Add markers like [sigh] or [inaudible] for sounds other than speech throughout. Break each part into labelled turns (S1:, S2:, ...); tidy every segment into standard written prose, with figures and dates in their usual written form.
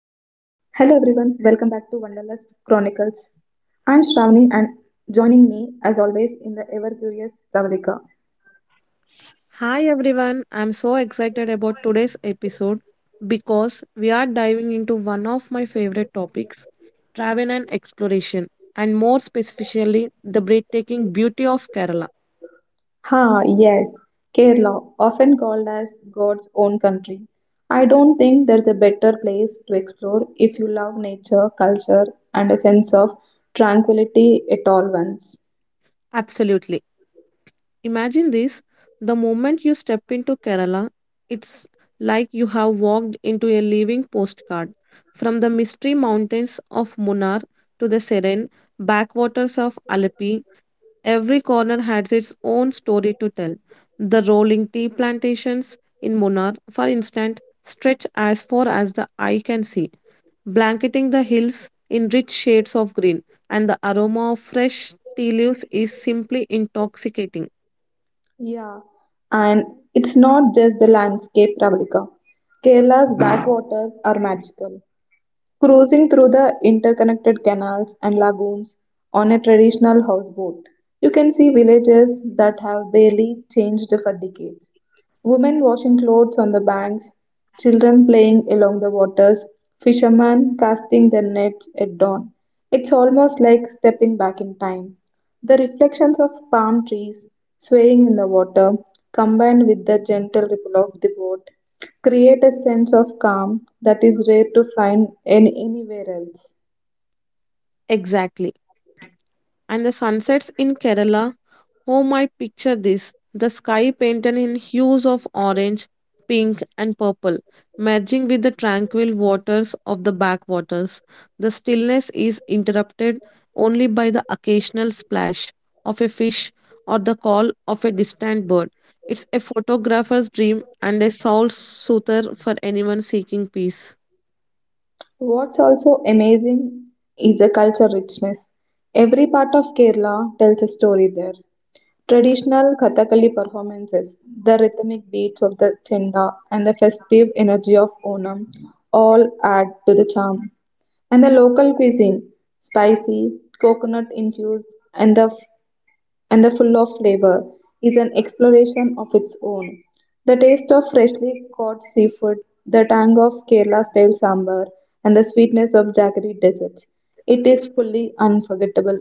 S1: back to Wanderlust Chronicles. I am Shravani and joining me as always in the ever curious Pravalika.
S2: Hi everyone, I'm so excited about today's episode because we are diving into one of my favorite topics travel and exploration, and more specifically, the breathtaking beauty of Kerala.
S1: Ha, yes, Kerala, often called as God's own country. I don't think there's a better place to explore if you love nature, culture, and a sense of tranquility at all once.
S2: Absolutely. Imagine this the moment you step into Kerala, it's like you have walked into a living postcard. From the mystery mountains of Munnar to the serene backwaters of Alleppey, every corner has its own story to tell. The rolling tea plantations in Munnar, for instance, stretch as far as the eye can see, blanketing the hills in rich shades of green, and the aroma of fresh tea leaves is simply intoxicating.
S1: Yeah, and it's not just the landscape, Pravalika. Kerala's [clears throat] backwaters are magical. Cruising through the interconnected canals and lagoons on a traditional houseboat, you can see villages that have barely changed for decades. Women washing clothes on the banks, children playing along the waters, fishermen casting their nets at dawn. It's almost like stepping back in time. The reflections of palm trees swaying in the water, combined with the gentle ripple of the boat, create a sense of calm that is rare to find in anywhere else.
S2: Exactly. And the sunsets in Kerala who might picture this? The sky painted in hues of orange, pink, and purple, merging with the tranquil waters of the backwaters. The stillness is interrupted only by the occasional splash of a fish or the call of a distant bird. It's a photographer's dream and a soul soother for anyone seeking peace.
S1: What's also amazing is the culture richness. Every part of Kerala tells a story there. Traditional Kathakali performances, the rhythmic beats of the chenda, and the festive energy of Onam all add to the charm. And the local cuisine, spicy, coconut infused, and the and the full of flavor, is an exploration of its own. The taste of freshly caught seafood, the tang of Kerala style sambar, and the sweetness of jaggery desserts, it is fully unforgettable.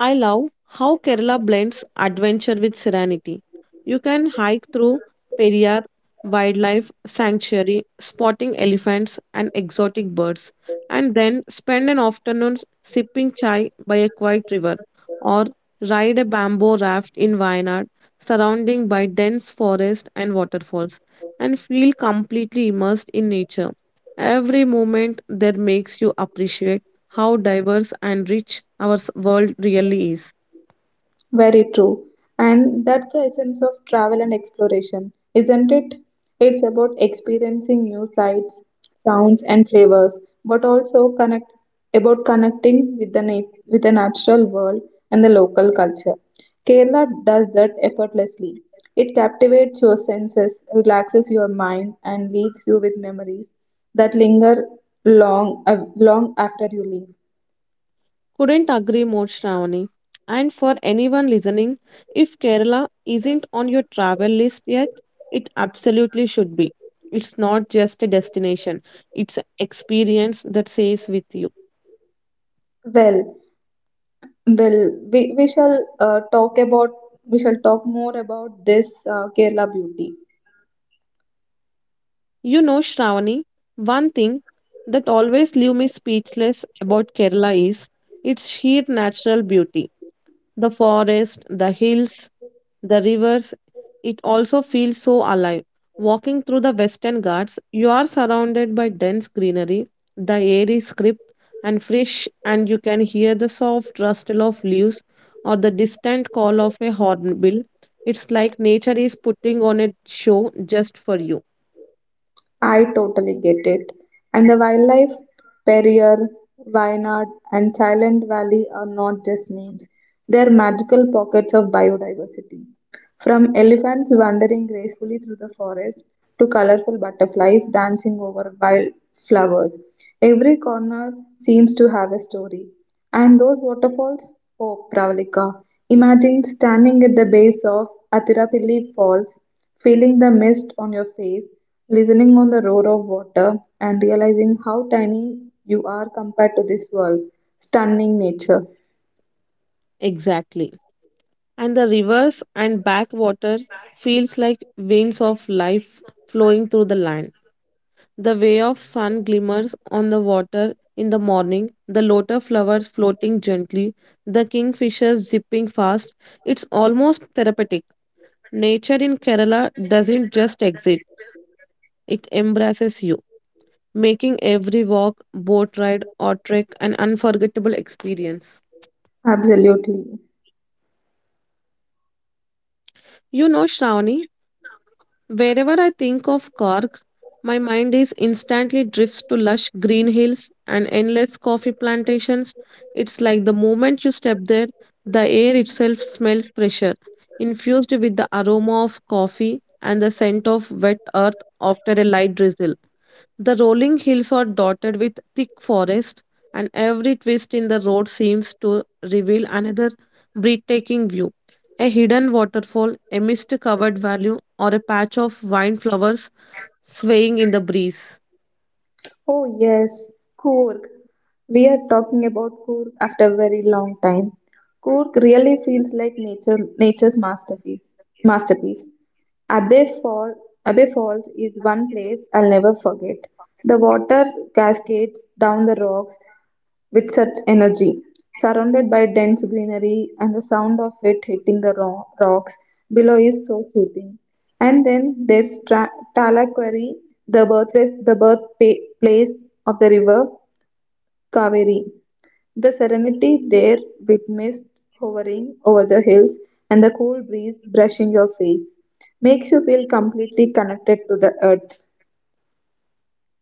S2: I love how Kerala blends adventure with serenity. You can hike through Periyar Wildlife Sanctuary, spotting elephants and exotic birds, and then spend an afternoon sipping chai by a quiet river, or ride a bamboo raft in Wayanad, surrounded by dense forest and waterfalls, and feel completely immersed in nature. Every moment there makes you appreciate how diverse and rich our world really is.
S1: Very true. And that's the essence of travel and exploration, isn't it? It's about experiencing new sights, sounds, and flavors, but also connect about connecting with the natural world and the local culture. Kerala does that effortlessly. It captivates your senses, relaxes your mind, and leaves you with memories that linger long, long after you leave.
S2: Couldn't agree more, Shravani. And for anyone listening, if Kerala isn't on your travel list yet, it absolutely should be. It's not just a destination, it's an experience that stays with you.
S1: Well, Well, we shall talk about we shall talk more about this Kerala beauty.
S2: You know, Shravani, one thing that always leaves me speechless about Kerala is its sheer natural beauty. The forest, the hills, the rivers. It also feels so alive. Walking through the Western Ghats, you are surrounded by dense greenery, the air is crisp and fresh, and you can hear the soft rustle of leaves or the distant call of a hornbill. It's like nature is putting on a show just for you.
S1: I totally get it. And the wildlife, Perrier, Wayanad, and Silent Valley are not just names. They are magical pockets of biodiversity. From elephants wandering gracefully through the forest to colorful butterflies dancing over wild flowers, every corner seems to have a story. And those waterfalls? Oh, Pravalika. Imagine standing at the base of Atirapilli Falls, feeling the mist on your face, listening on the roar of water, and realizing how tiny you are compared to this world. Stunning nature.
S2: Exactly. And the rivers and backwaters feels like veins of life flowing through the land. The way of sun glimmers on the water in the morning, the lotus flowers floating gently, the kingfishers zipping fast. It's almost therapeutic. Nature in Kerala doesn't just exist, it embraces you, making every walk, boat ride, or trek an unforgettable experience.
S1: Absolutely.
S2: You know, Shravani, wherever I think of Cork, my mind is instantly drifts to lush green hills and endless coffee plantations. It's like the moment you step there, the air itself smells fresher, infused with the aroma of coffee and the scent of wet earth after a light drizzle. The rolling hills are dotted with thick forest, and every twist in the road seems to reveal another breathtaking view. A hidden waterfall, a mist covered valley, or a patch of wine flowers swaying in the breeze.
S1: Oh, yes, Coorg. We are talking about Coorg after a very long time. Coorg really feels like nature, nature's masterpiece. Masterpiece. Abbey Fall, Abbey Falls is one place I'll never forget. The water cascades down the rocks with such energy. Surrounded by dense greenery and the sound of it hitting the rocks below is so soothing. And then there's Talaqueri, the birthplace of the river Kaveri. The serenity there, with mist hovering over the hills and the cool breeze brushing your face, makes you feel completely connected to the earth.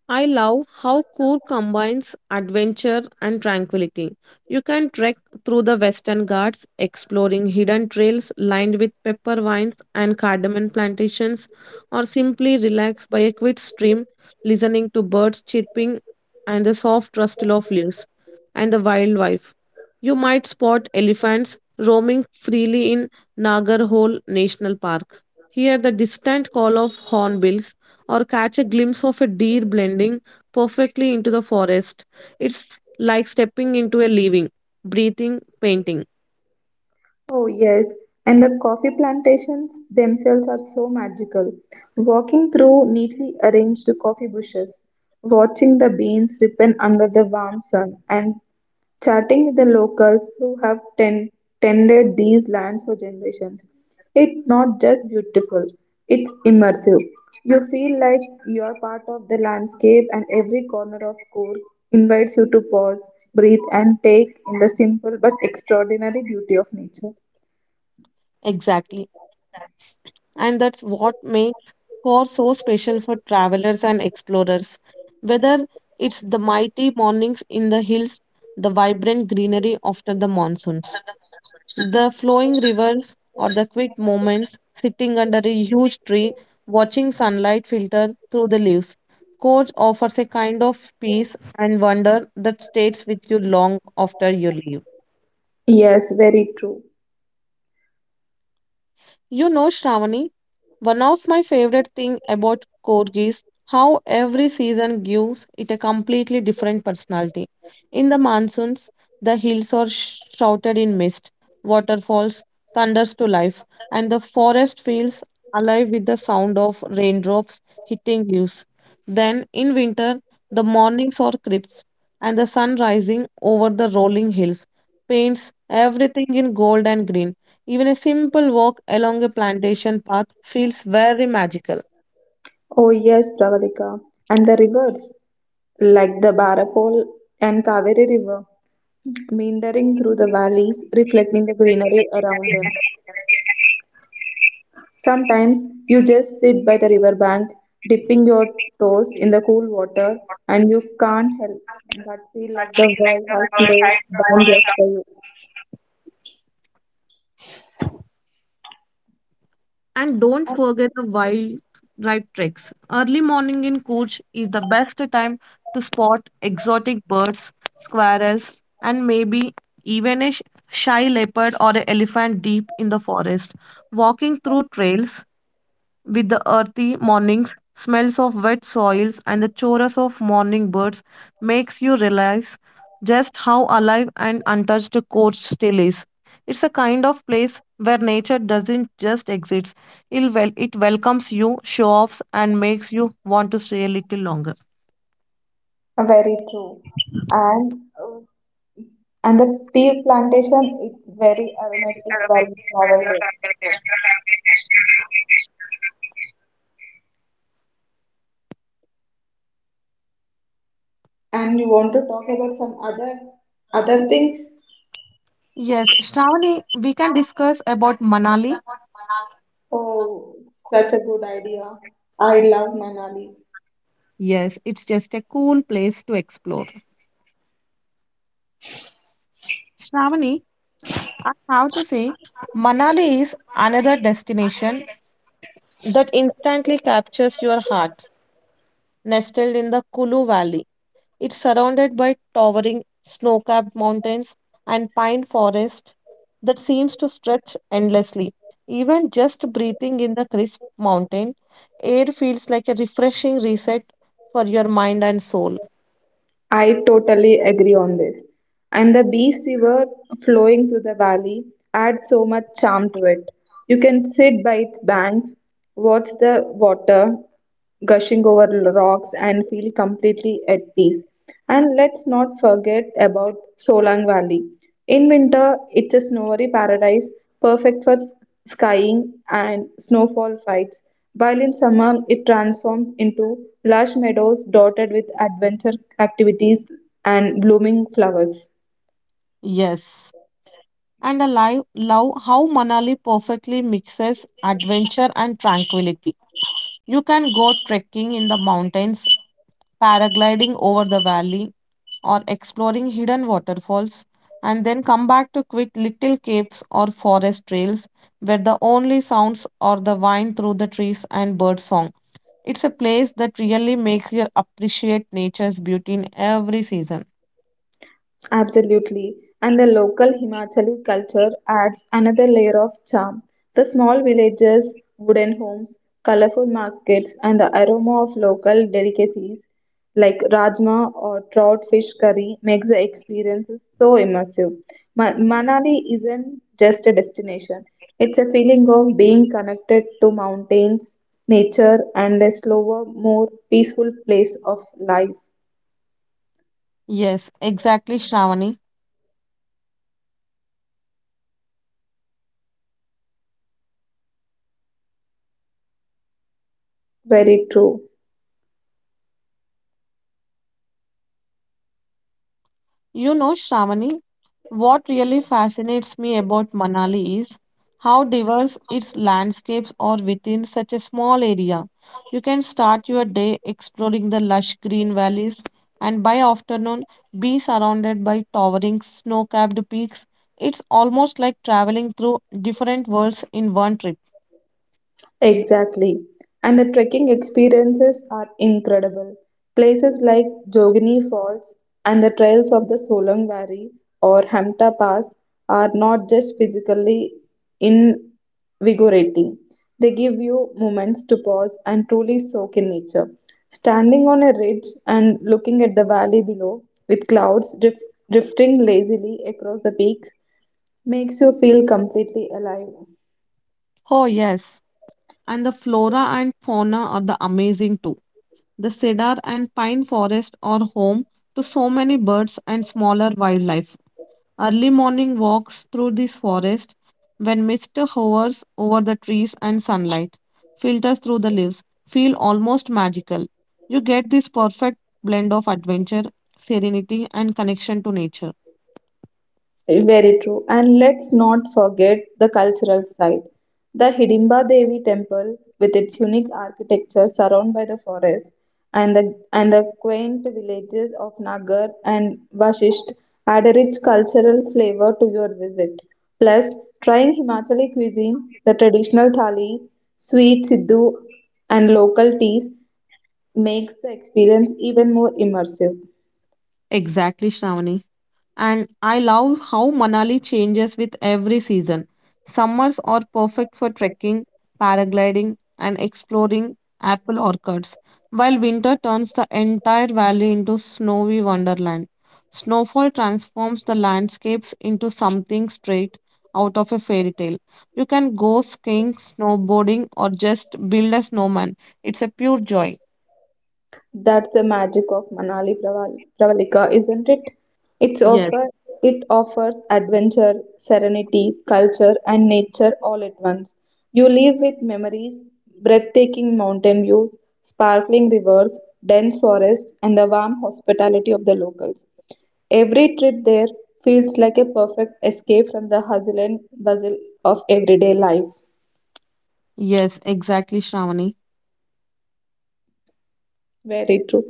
S2: I love how Coor combines adventure and tranquility. You can trek through the Western Ghats, exploring hidden trails lined with pepper vines and cardamom plantations, or simply relax by a quiet stream, listening to birds chirping and the soft rustle of leaves and the wildlife. You might spot elephants roaming freely in Nagarhole National Park. Hear the distant call of hornbills or catch a glimpse of a deer blending perfectly into the forest. It's like stepping into a living, breathing painting.
S1: Oh, yes. And the coffee plantations themselves are so magical. Walking through neatly arranged coffee bushes, watching the beans ripen under the warm sun, and chatting with the locals who have tended these lands for generations. It's not just beautiful, it's immersive. You feel like you're part of the landscape, and every corner of Cork invites you to pause, breathe, and take in the simple but extraordinary beauty of nature.
S2: Exactly. And that's what makes Core so special for travelers and explorers. Whether it's the mighty mornings in the hills, the vibrant greenery after the monsoons. The flowing rivers or the quiet moments sitting under a huge tree, watching sunlight filter through the leaves. Coach offers a kind of peace and wonder that stays with you long after you leave.
S1: Yes, very true.
S2: You know, Shravani, one of my favorite thing about Korg is how every season gives it a completely different personality. In the monsoons, the hills are shrouded in mist, waterfalls thunders to life, and the forest feels alive with the sound of raindrops hitting leaves. Then in winter, the mornings are crisp, and the sun rising over the rolling hills paints everything in gold and green. Even a simple walk along a plantation path feels very magical.
S1: Oh, yes, Pravalika. And the rivers, like the Barapol and Kaveri River, meandering through the valleys, reflecting the greenery around them. Sometimes you just sit by the riverbank, dipping your toes in the cool water, and you can't help but feel like the world has slowed down just for you.
S2: And don't forget the wildlife treks. Early morning in Kutch is the best time to spot exotic birds, squirrels, and maybe even a shy leopard or an elephant deep in the forest. Walking through trails with the earthy mornings, smells of wet soils, and the chorus of morning birds makes you realize just how alive and untouched the coast still is. It's a kind of place where nature doesn't just exist, it welcomes you, show offs, and makes you want to stay a little longer.
S1: Very true. And uh, and the tea plantation, it's very aromatic while you travel. And you want to talk about some other things?
S2: Yes, Shravani, we can discuss about Manali.
S1: Oh, such a good idea. I love Manali.
S2: Yes, it's just a cool place to explore. Shravani, I have to say, Manali is another destination that instantly captures your heart. Nestled in the Kulu Valley, it's surrounded by towering snow capped mountains and pine forest that seems to stretch endlessly. Even just breathing in the crisp mountain air feels like a refreshing reset for your mind and soul.
S1: I totally agree on this. And the Beast River flowing through the valley adds so much charm to it. You can sit by its banks, watch the water gushing over rocks, and feel completely at peace. And let's not forget about Solang Valley. In winter, it's a snowy paradise perfect for skiing and snowfall fights, while in summer, it transforms into lush meadows dotted with adventure activities and blooming flowers.
S2: Yes. And I love how Manali perfectly mixes adventure and tranquility. You can go trekking in the mountains, paragliding over the valley, or exploring hidden waterfalls, and then come back to quit little caves or forest trails where the only sounds are the wind through the trees and bird song. It's a place that really makes you appreciate nature's beauty in every season.
S1: Absolutely. And the local Himachali culture adds another layer of charm. The small villages, wooden homes, colorful markets, and the aroma of local delicacies like rajma or trout fish curry makes the experiences so immersive. Manali isn't just a destination, it's a feeling of being connected to mountains, nature, and a slower, more peaceful place of life.
S2: Yes, exactly, Shravani.
S1: Very true.
S2: You know, Shravani, what really fascinates me about Manali is how diverse its landscapes are within such a small area. You can start your day exploring the lush green valleys and by afternoon be surrounded by towering snow-capped peaks. It's almost like traveling through different worlds in one trip.
S1: Exactly. And the trekking experiences are incredible. Places like Jogini Falls and the trails of the Solang Valley or Hamta Pass are not just physically invigorating, they give you moments to pause and truly soak in nature. Standing on a ridge and looking at the valley below, with clouds drifting lazily across the peaks, makes you feel completely alive.
S2: Oh, yes, and the flora and fauna are the amazing too. The cedar and pine forest are home to so many birds and smaller wildlife. Early morning walks through this forest, when mist hovers over the trees and sunlight filters through the leaves, feel almost magical. You get this perfect blend of adventure, serenity, and connection to nature.
S1: Very true. And let's not forget the cultural side. The Hidimba Devi temple, with its unique architecture surrounded by the forest, and the quaint villages of Nagar and Vashisht, add a rich cultural flavor to your visit. Plus, trying Himachali cuisine, the traditional thalis, sweet siddhu, and local teas, makes the experience even more immersive.
S2: Exactly, Shravani. And I love how Manali changes with every season. Summers are perfect for trekking, paragliding, and exploring apple orchards, while winter turns the entire valley into snowy wonderland. Snowfall transforms the landscapes into something straight out of a fairy tale. You can go skiing, snowboarding, or just build a snowman. It's a pure joy.
S1: That's the magic of Manali, Pravalika, isn't it? It's
S2: Yes,
S1: offer it offers adventure, serenity, culture, and nature all at once. You leave with memories, breathtaking mountain views, sparkling rivers, dense forests, and the warm hospitality of the locals. Every trip there feels like a perfect escape from the hustle and bustle of everyday life.
S2: yes, exactly, Shravani.
S1: Very true.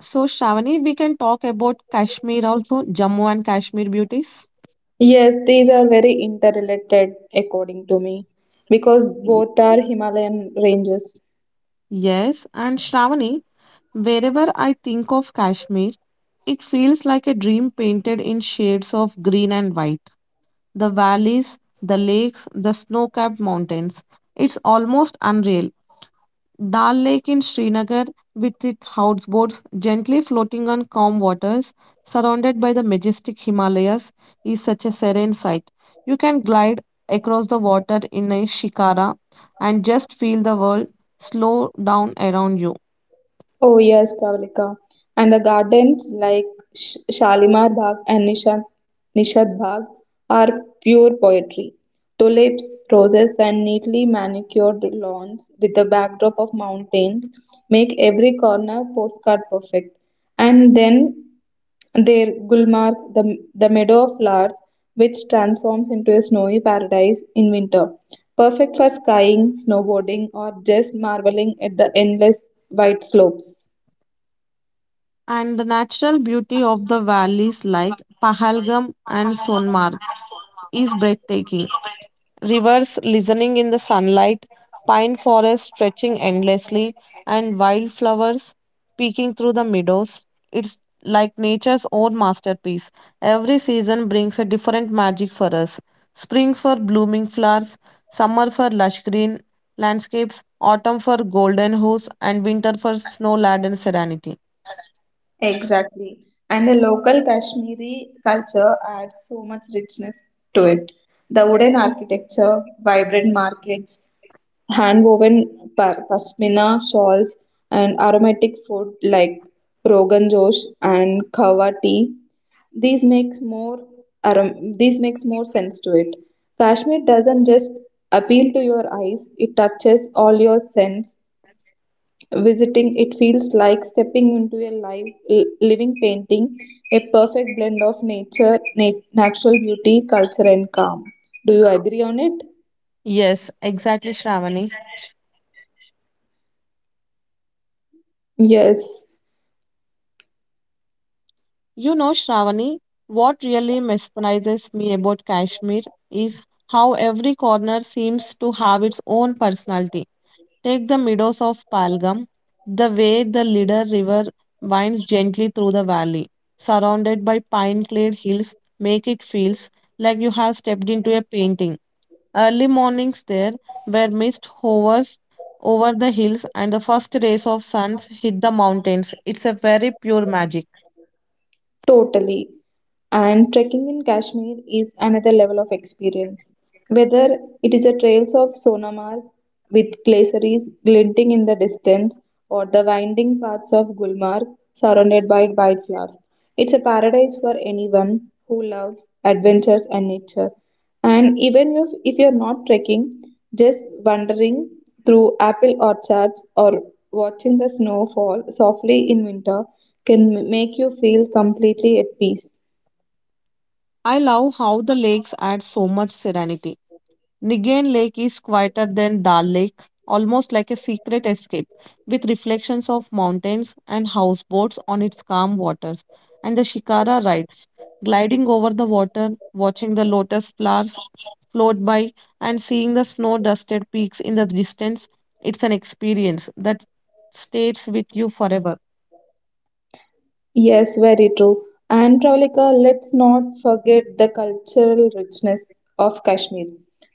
S2: So, Shravani, we can talk about Kashmir also, Jammu and Kashmir beauties.
S1: Yes, these are very interrelated according to me because both are Himalayan ranges.
S2: Yes, and Shravani, wherever I think of Kashmir, it feels like a dream painted in shades of green and white. The valleys, the lakes, the snow capped mountains. It's almost unreal. Dal Lake in Srinagar, with its houseboats gently floating on calm waters, surrounded by the majestic Himalayas, is such a serene sight. You can glide across the water in a shikara and just feel the world slow down around you.
S1: Oh, yes, Pravalika. And the gardens like Shalimar Bagh and Nishad Bagh are pure poetry. Tulips, roses, and neatly manicured lawns with the backdrop of mountains make every corner postcard perfect. And then there Gulmarg, the meadow of flowers, which transforms into a snowy paradise in winter, perfect for skiing, snowboarding, or just marveling at the endless white slopes.
S2: And the natural beauty of the valleys like Pahalgam and Sonmark is breathtaking. Rivers listening in the sunlight, pine forests stretching endlessly, and wildflowers peeking through the meadows. It's like nature's own masterpiece. Every season brings a different magic for us. Spring for blooming flowers, summer for lush green landscapes, autumn for golden hues, and winter for snow laden serenity.
S1: Exactly. And the local Kashmiri culture adds so much richness to it. The wooden architecture, vibrant markets, hand woven pashmina shawls, and aromatic food like rogan josh and kawa tea, This makes more this makes more sense to it. Kashmir doesn't just appeal to your eyes, it touches all your sense. Visiting it feels like stepping into a living painting, a perfect blend of nature, natural beauty, culture and calm. Do you agree on it?
S2: Yes, exactly, Shravani.
S1: Yes.
S2: You know, Shravani, what really mesmerizes me about Kashmir is how every corner seems to have its own personality. Take the meadows of Palgam, the way the Lidar River winds gently through the valley, surrounded by pine-clad hills, make it feels like you have stepped into a painting. Early mornings there, where mist hovers over the hills and the first rays of suns hit the mountains, it's a very pure magic.
S1: Totally. And trekking in Kashmir is another level of experience. Whether it is the trails of Sonamarg with glaciers glinting in the distance, or the winding paths of Gulmarg surrounded by wildflowers, it's a paradise for anyone who loves adventures and nature. And even if you're not trekking, just wandering through apple orchards or watching the snow fall softly in winter can make you feel completely at peace.
S2: I love how the lakes add so much serenity. Nigane Lake is quieter than Dal Lake, almost like a secret escape, with reflections of mountains and houseboats on its calm waters. And the shikara rides, gliding over the water, watching the lotus flowers float by, and seeing the snow dusted peaks in the distance. It's an experience that stays with you forever.
S1: Yes, very true. And Pravalika, let's not forget the cultural richness of Kashmir.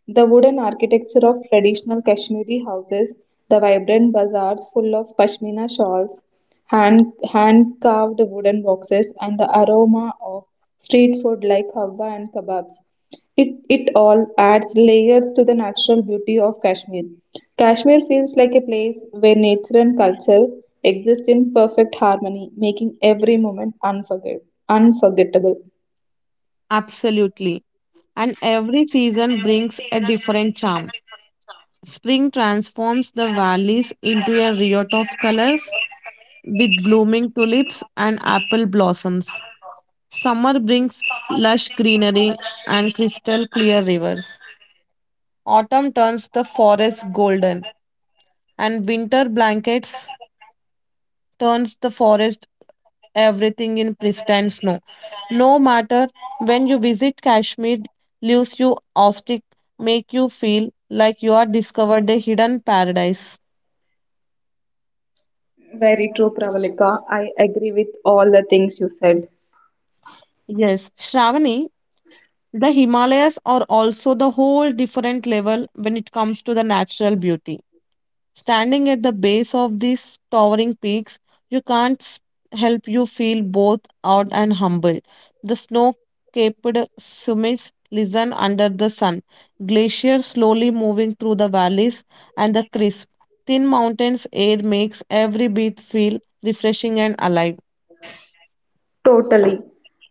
S1: The wooden architecture of traditional Kashmiri houses, the vibrant bazaars full of pashmina shawls, hand hand carved wooden boxes, and the aroma of street food like hawa and kebabs. It all adds layers to the natural beauty of Kashmir. Kashmir feels like a place where nature and culture exist in perfect harmony, making every moment unforgettable.
S2: Absolutely. And every season brings a different charm. Spring transforms the valleys into a riot of colors with blooming tulips and apple blossoms. Summer brings lush greenery and crystal clear rivers. Autumn turns the forest golden, and winter blankets turns the forest everything in pristine snow. No matter when you visit Kashmir, leaves you awestruck, make you feel like you are discovered a hidden paradise.
S1: Very true, Pravalika. I agree with all the things you said.
S2: Yes, Shravani, the Himalayas are also the whole different level when it comes to the natural beauty. Standing at the base of these towering peaks, you can't help you feel both awed and humble. The snow-capped summits listen under the sun, glaciers slowly moving through the valleys, and the crisp, thin mountains air makes every breath feel refreshing and alive.
S1: Totally.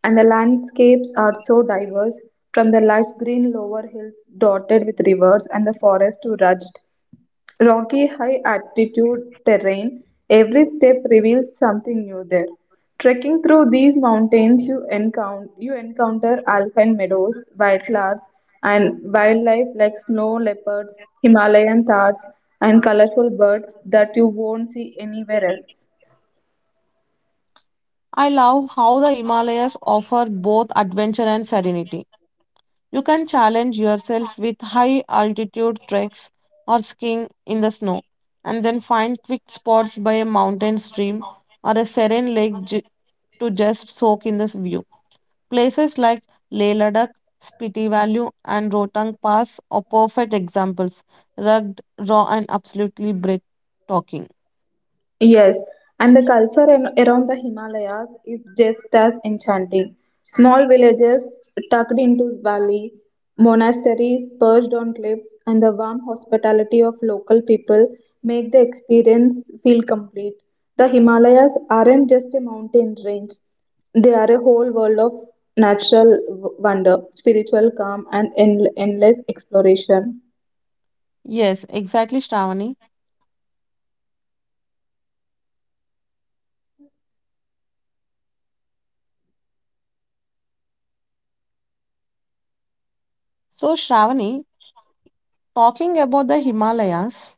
S1: And the landscapes are so diverse, from the lush green lower hills dotted with rivers and the forest to rugged Rocky high altitude terrain, every step reveals something new there. Trekking through these mountains, you encounter alpine meadows, wildflowers, and wildlife like snow leopards, Himalayan thars, and colorful birds that you won't see anywhere else.
S2: I love how the Himalayas offer both adventure and serenity. You can challenge yourself with high altitude treks or skiing in the snow, and then find quick spots by a mountain stream or a serene lake to just soak in this view. Places like Leh Ladakh, Spiti Valley, and Rotang Pass are perfect examples, rugged, raw, and absolutely breathtaking.
S1: Yes, and the culture around the Himalayas is just as enchanting. Small villages tucked into valley, monasteries perched on cliffs, and the warm hospitality of local people make the experience feel complete. The Himalayas aren't just a mountain range, they are a whole world of natural wonder, spiritual calm, and endless exploration.
S2: Yes, exactly, Shravani. So, Shravani, talking about the Himalayas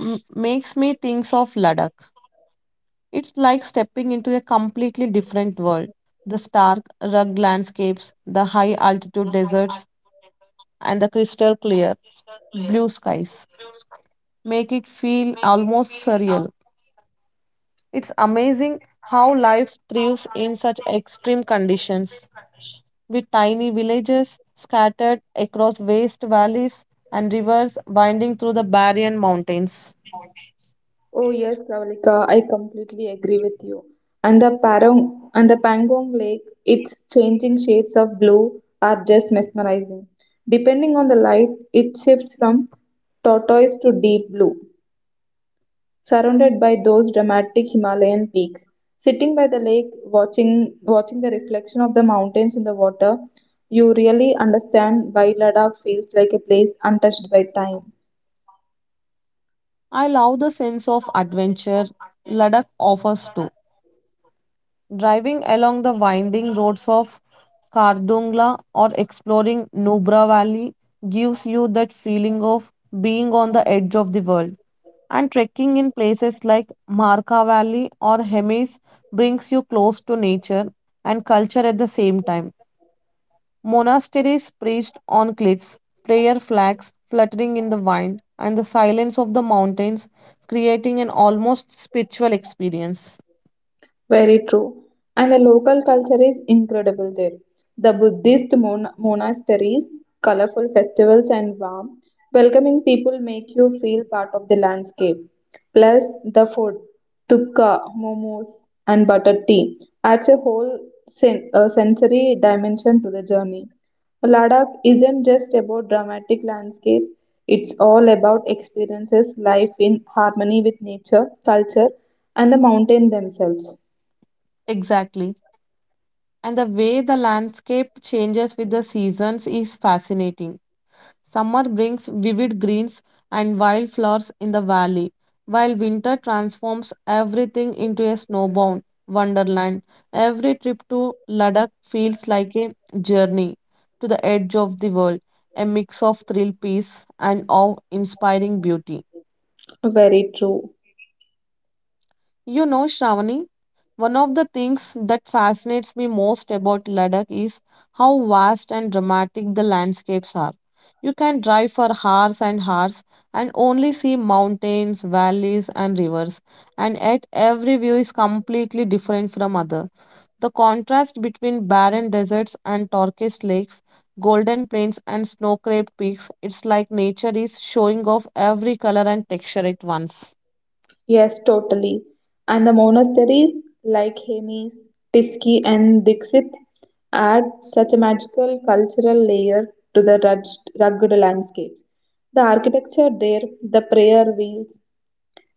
S2: makes me think of Ladakh. It's like stepping into a completely different world. The stark, rugged landscapes, the high altitude deserts, and the crystal clear blue skies make it feel almost surreal. It's amazing how life thrives in such extreme conditions, with tiny villages scattered across vast valleys and rivers winding through the barren mountains.
S1: Oh yes, Pravalika, I completely agree with you. And the Parong and the Pangong Lake, its changing shades of blue are just mesmerizing. Depending on the light, it shifts from turquoise to deep blue, surrounded by those dramatic Himalayan peaks. Sitting by the lake, watching the reflection of the mountains in the water, you really understand why Ladakh feels like a place untouched by time.
S2: I love the sense of adventure Ladakh offers too. Driving along the winding roads of Kardungla or exploring Nubra Valley gives you that feeling of being on the edge of the world. And trekking in places like Marka Valley or Hemis brings you close to nature and culture at the same time. Monasteries perched on cliffs, prayer flags fluttering in the wind, and the silence of the mountains creating an almost spiritual experience.
S1: Very true. And the local culture is incredible there. The Buddhist monasteries, colorful festivals, and warm, welcoming people make you feel part of the landscape. Plus, the food, tupka, momos, and butter tea, adds a whole sensory dimension to the journey. Ladakh isn't just about dramatic landscapes, it's all about experiences life in harmony with nature, culture, and the mountain themselves.
S2: Exactly. And the way the landscape changes with the seasons is fascinating. Summer brings vivid greens and wildflowers in the valley, while winter transforms everything into a snowbound wonderland. Every trip to Ladakh feels like a journey to the edge of the world, a mix of thrill, peace, and awe inspiring beauty.
S1: Very true.
S2: You know, Shravani, one of the things that fascinates me most about Ladakh is how vast and dramatic the landscapes are. You can drive for hours and hours and only see mountains, valleys, and rivers, and yet every view is completely different from other. The contrast between barren deserts and turquoise lakes, golden plains and snow-capped peaks, it's like nature is showing off every color and texture at once.
S1: Yes, totally. And the monasteries like Hemis, Tiski, and Dixit add such a magical cultural layer to the rugged landscapes. The architecture there, the prayer wheels,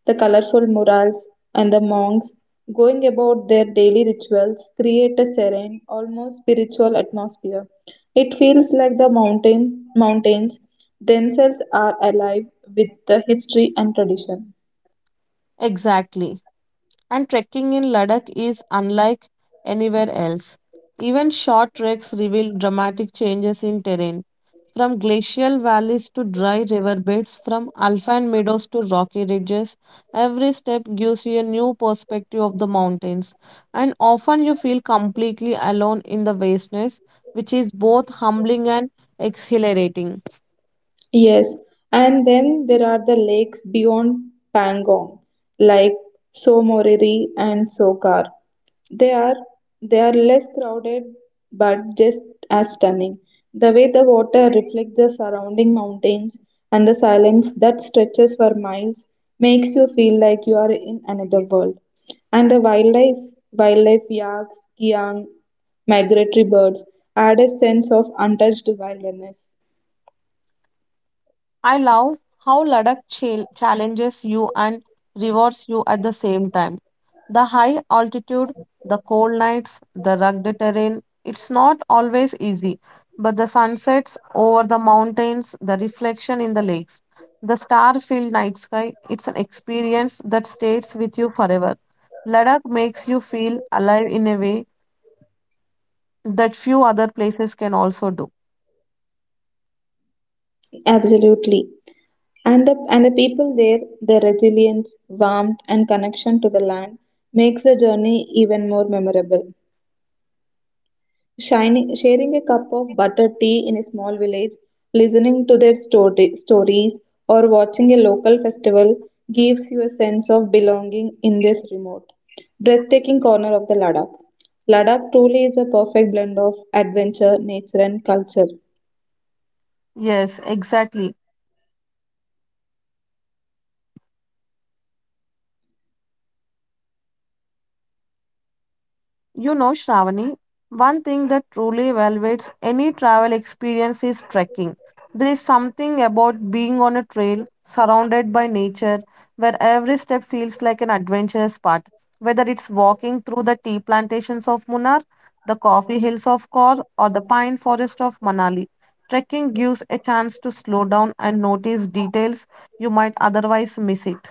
S1: the colorful murals, and the monks going about their daily rituals create a serene, almost spiritual atmosphere. It feels like the mountains themselves are alive with the history and tradition.
S2: Exactly. And trekking in Ladakh is unlike anywhere else. Even short treks reveal dramatic changes in terrain, from glacial valleys to dry riverbeds, from alpine meadows to rocky ridges. Every step gives you a new perspective of the mountains, and often you feel completely alone in the vastness, which is both humbling and exhilarating.
S1: Yes, and then there are the lakes beyond Pangong, like Somorery and Sokar. They are they are less crowded but just as stunning. The way the water reflects the surrounding mountains and the silence that stretches for miles makes you feel like you are in another world. And the wildlife, yaks, kiang, migratory birds add a sense of untouched wilderness.
S2: I love how Ladakh challenges you and rewards you at the same time. The high altitude, the cold nights, the rugged terrain, it's not always easy, but the sunsets over the mountains, the reflection in the lakes, the star filled night sky, it's an experience that stays with you forever. Ladakh makes you feel alive in a way that few other places can also do.
S1: Absolutely. And the people there, their resilience, warmth, and connection to the land makes the journey even more memorable. Shining, sharing a cup of butter tea in a small village, listening to their stories, or watching a local festival gives you a sense of belonging in this remote, breathtaking corner of the Ladakh. Ladakh truly is a perfect blend of adventure, nature, and culture.
S2: Yes, exactly. You know, Shravani, one thing that truly elevates any travel experience is trekking. There is something about being on a trail surrounded by nature where every step feels like an adventurous path. Whether it's walking through the tea plantations of Munnar, the coffee hills of Kor, or the pine forest of Manali, trekking gives a chance to slow down and notice details you might otherwise miss it.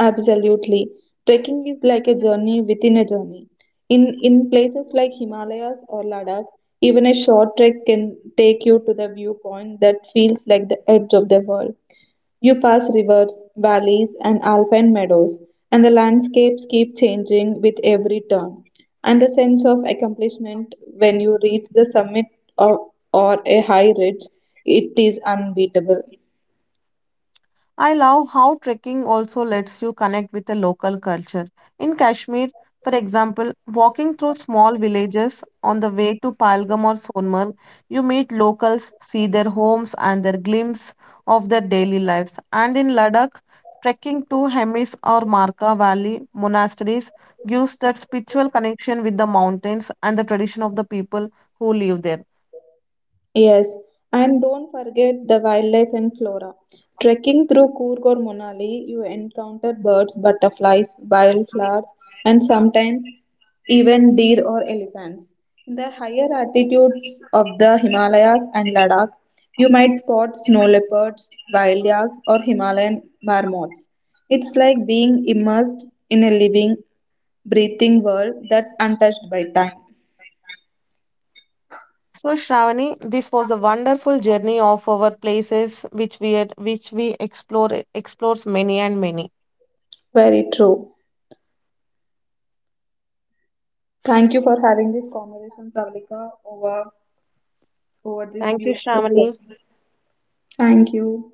S1: Absolutely. Trekking is like a journey within a journey. In places like Himalayas or Ladakh, even a short trek can take you to the viewpoint that feels like the edge of the world. You pass rivers, valleys, and alpine meadows, and the landscapes keep changing with every turn. And the sense of accomplishment when you reach the summit of, or a high ridge, it is unbeatable.
S2: I love how trekking also lets you connect with the local culture. In Kashmir, for example, walking through small villages on the way to Pahalgam or Sonmarg, you meet locals, see their homes and their glimpse of their daily lives. And in Ladakh, trekking to Hemis or Marka Valley monasteries gives that spiritual connection with the mountains and the tradition of the people who live there.
S1: Yes, and don't forget the wildlife and flora. Trekking through Coorg or Monali, you encounter birds, butterflies, wildflowers, and sometimes even deer or elephants. In the higher altitudes of the Himalayas and Ladakh, you might spot snow leopards, wild yaks, or Himalayan marmots. It's like being immersed in a living, breathing world that's untouched by time.
S2: So, Shravani, this was a wonderful journey of our places which we are, which we explore explores many and many.
S1: Very true. Thank you for having this conversation, Pravalika, over this
S2: Thank you,
S1: beautiful topic.
S2: Shravani.
S1: Thank you.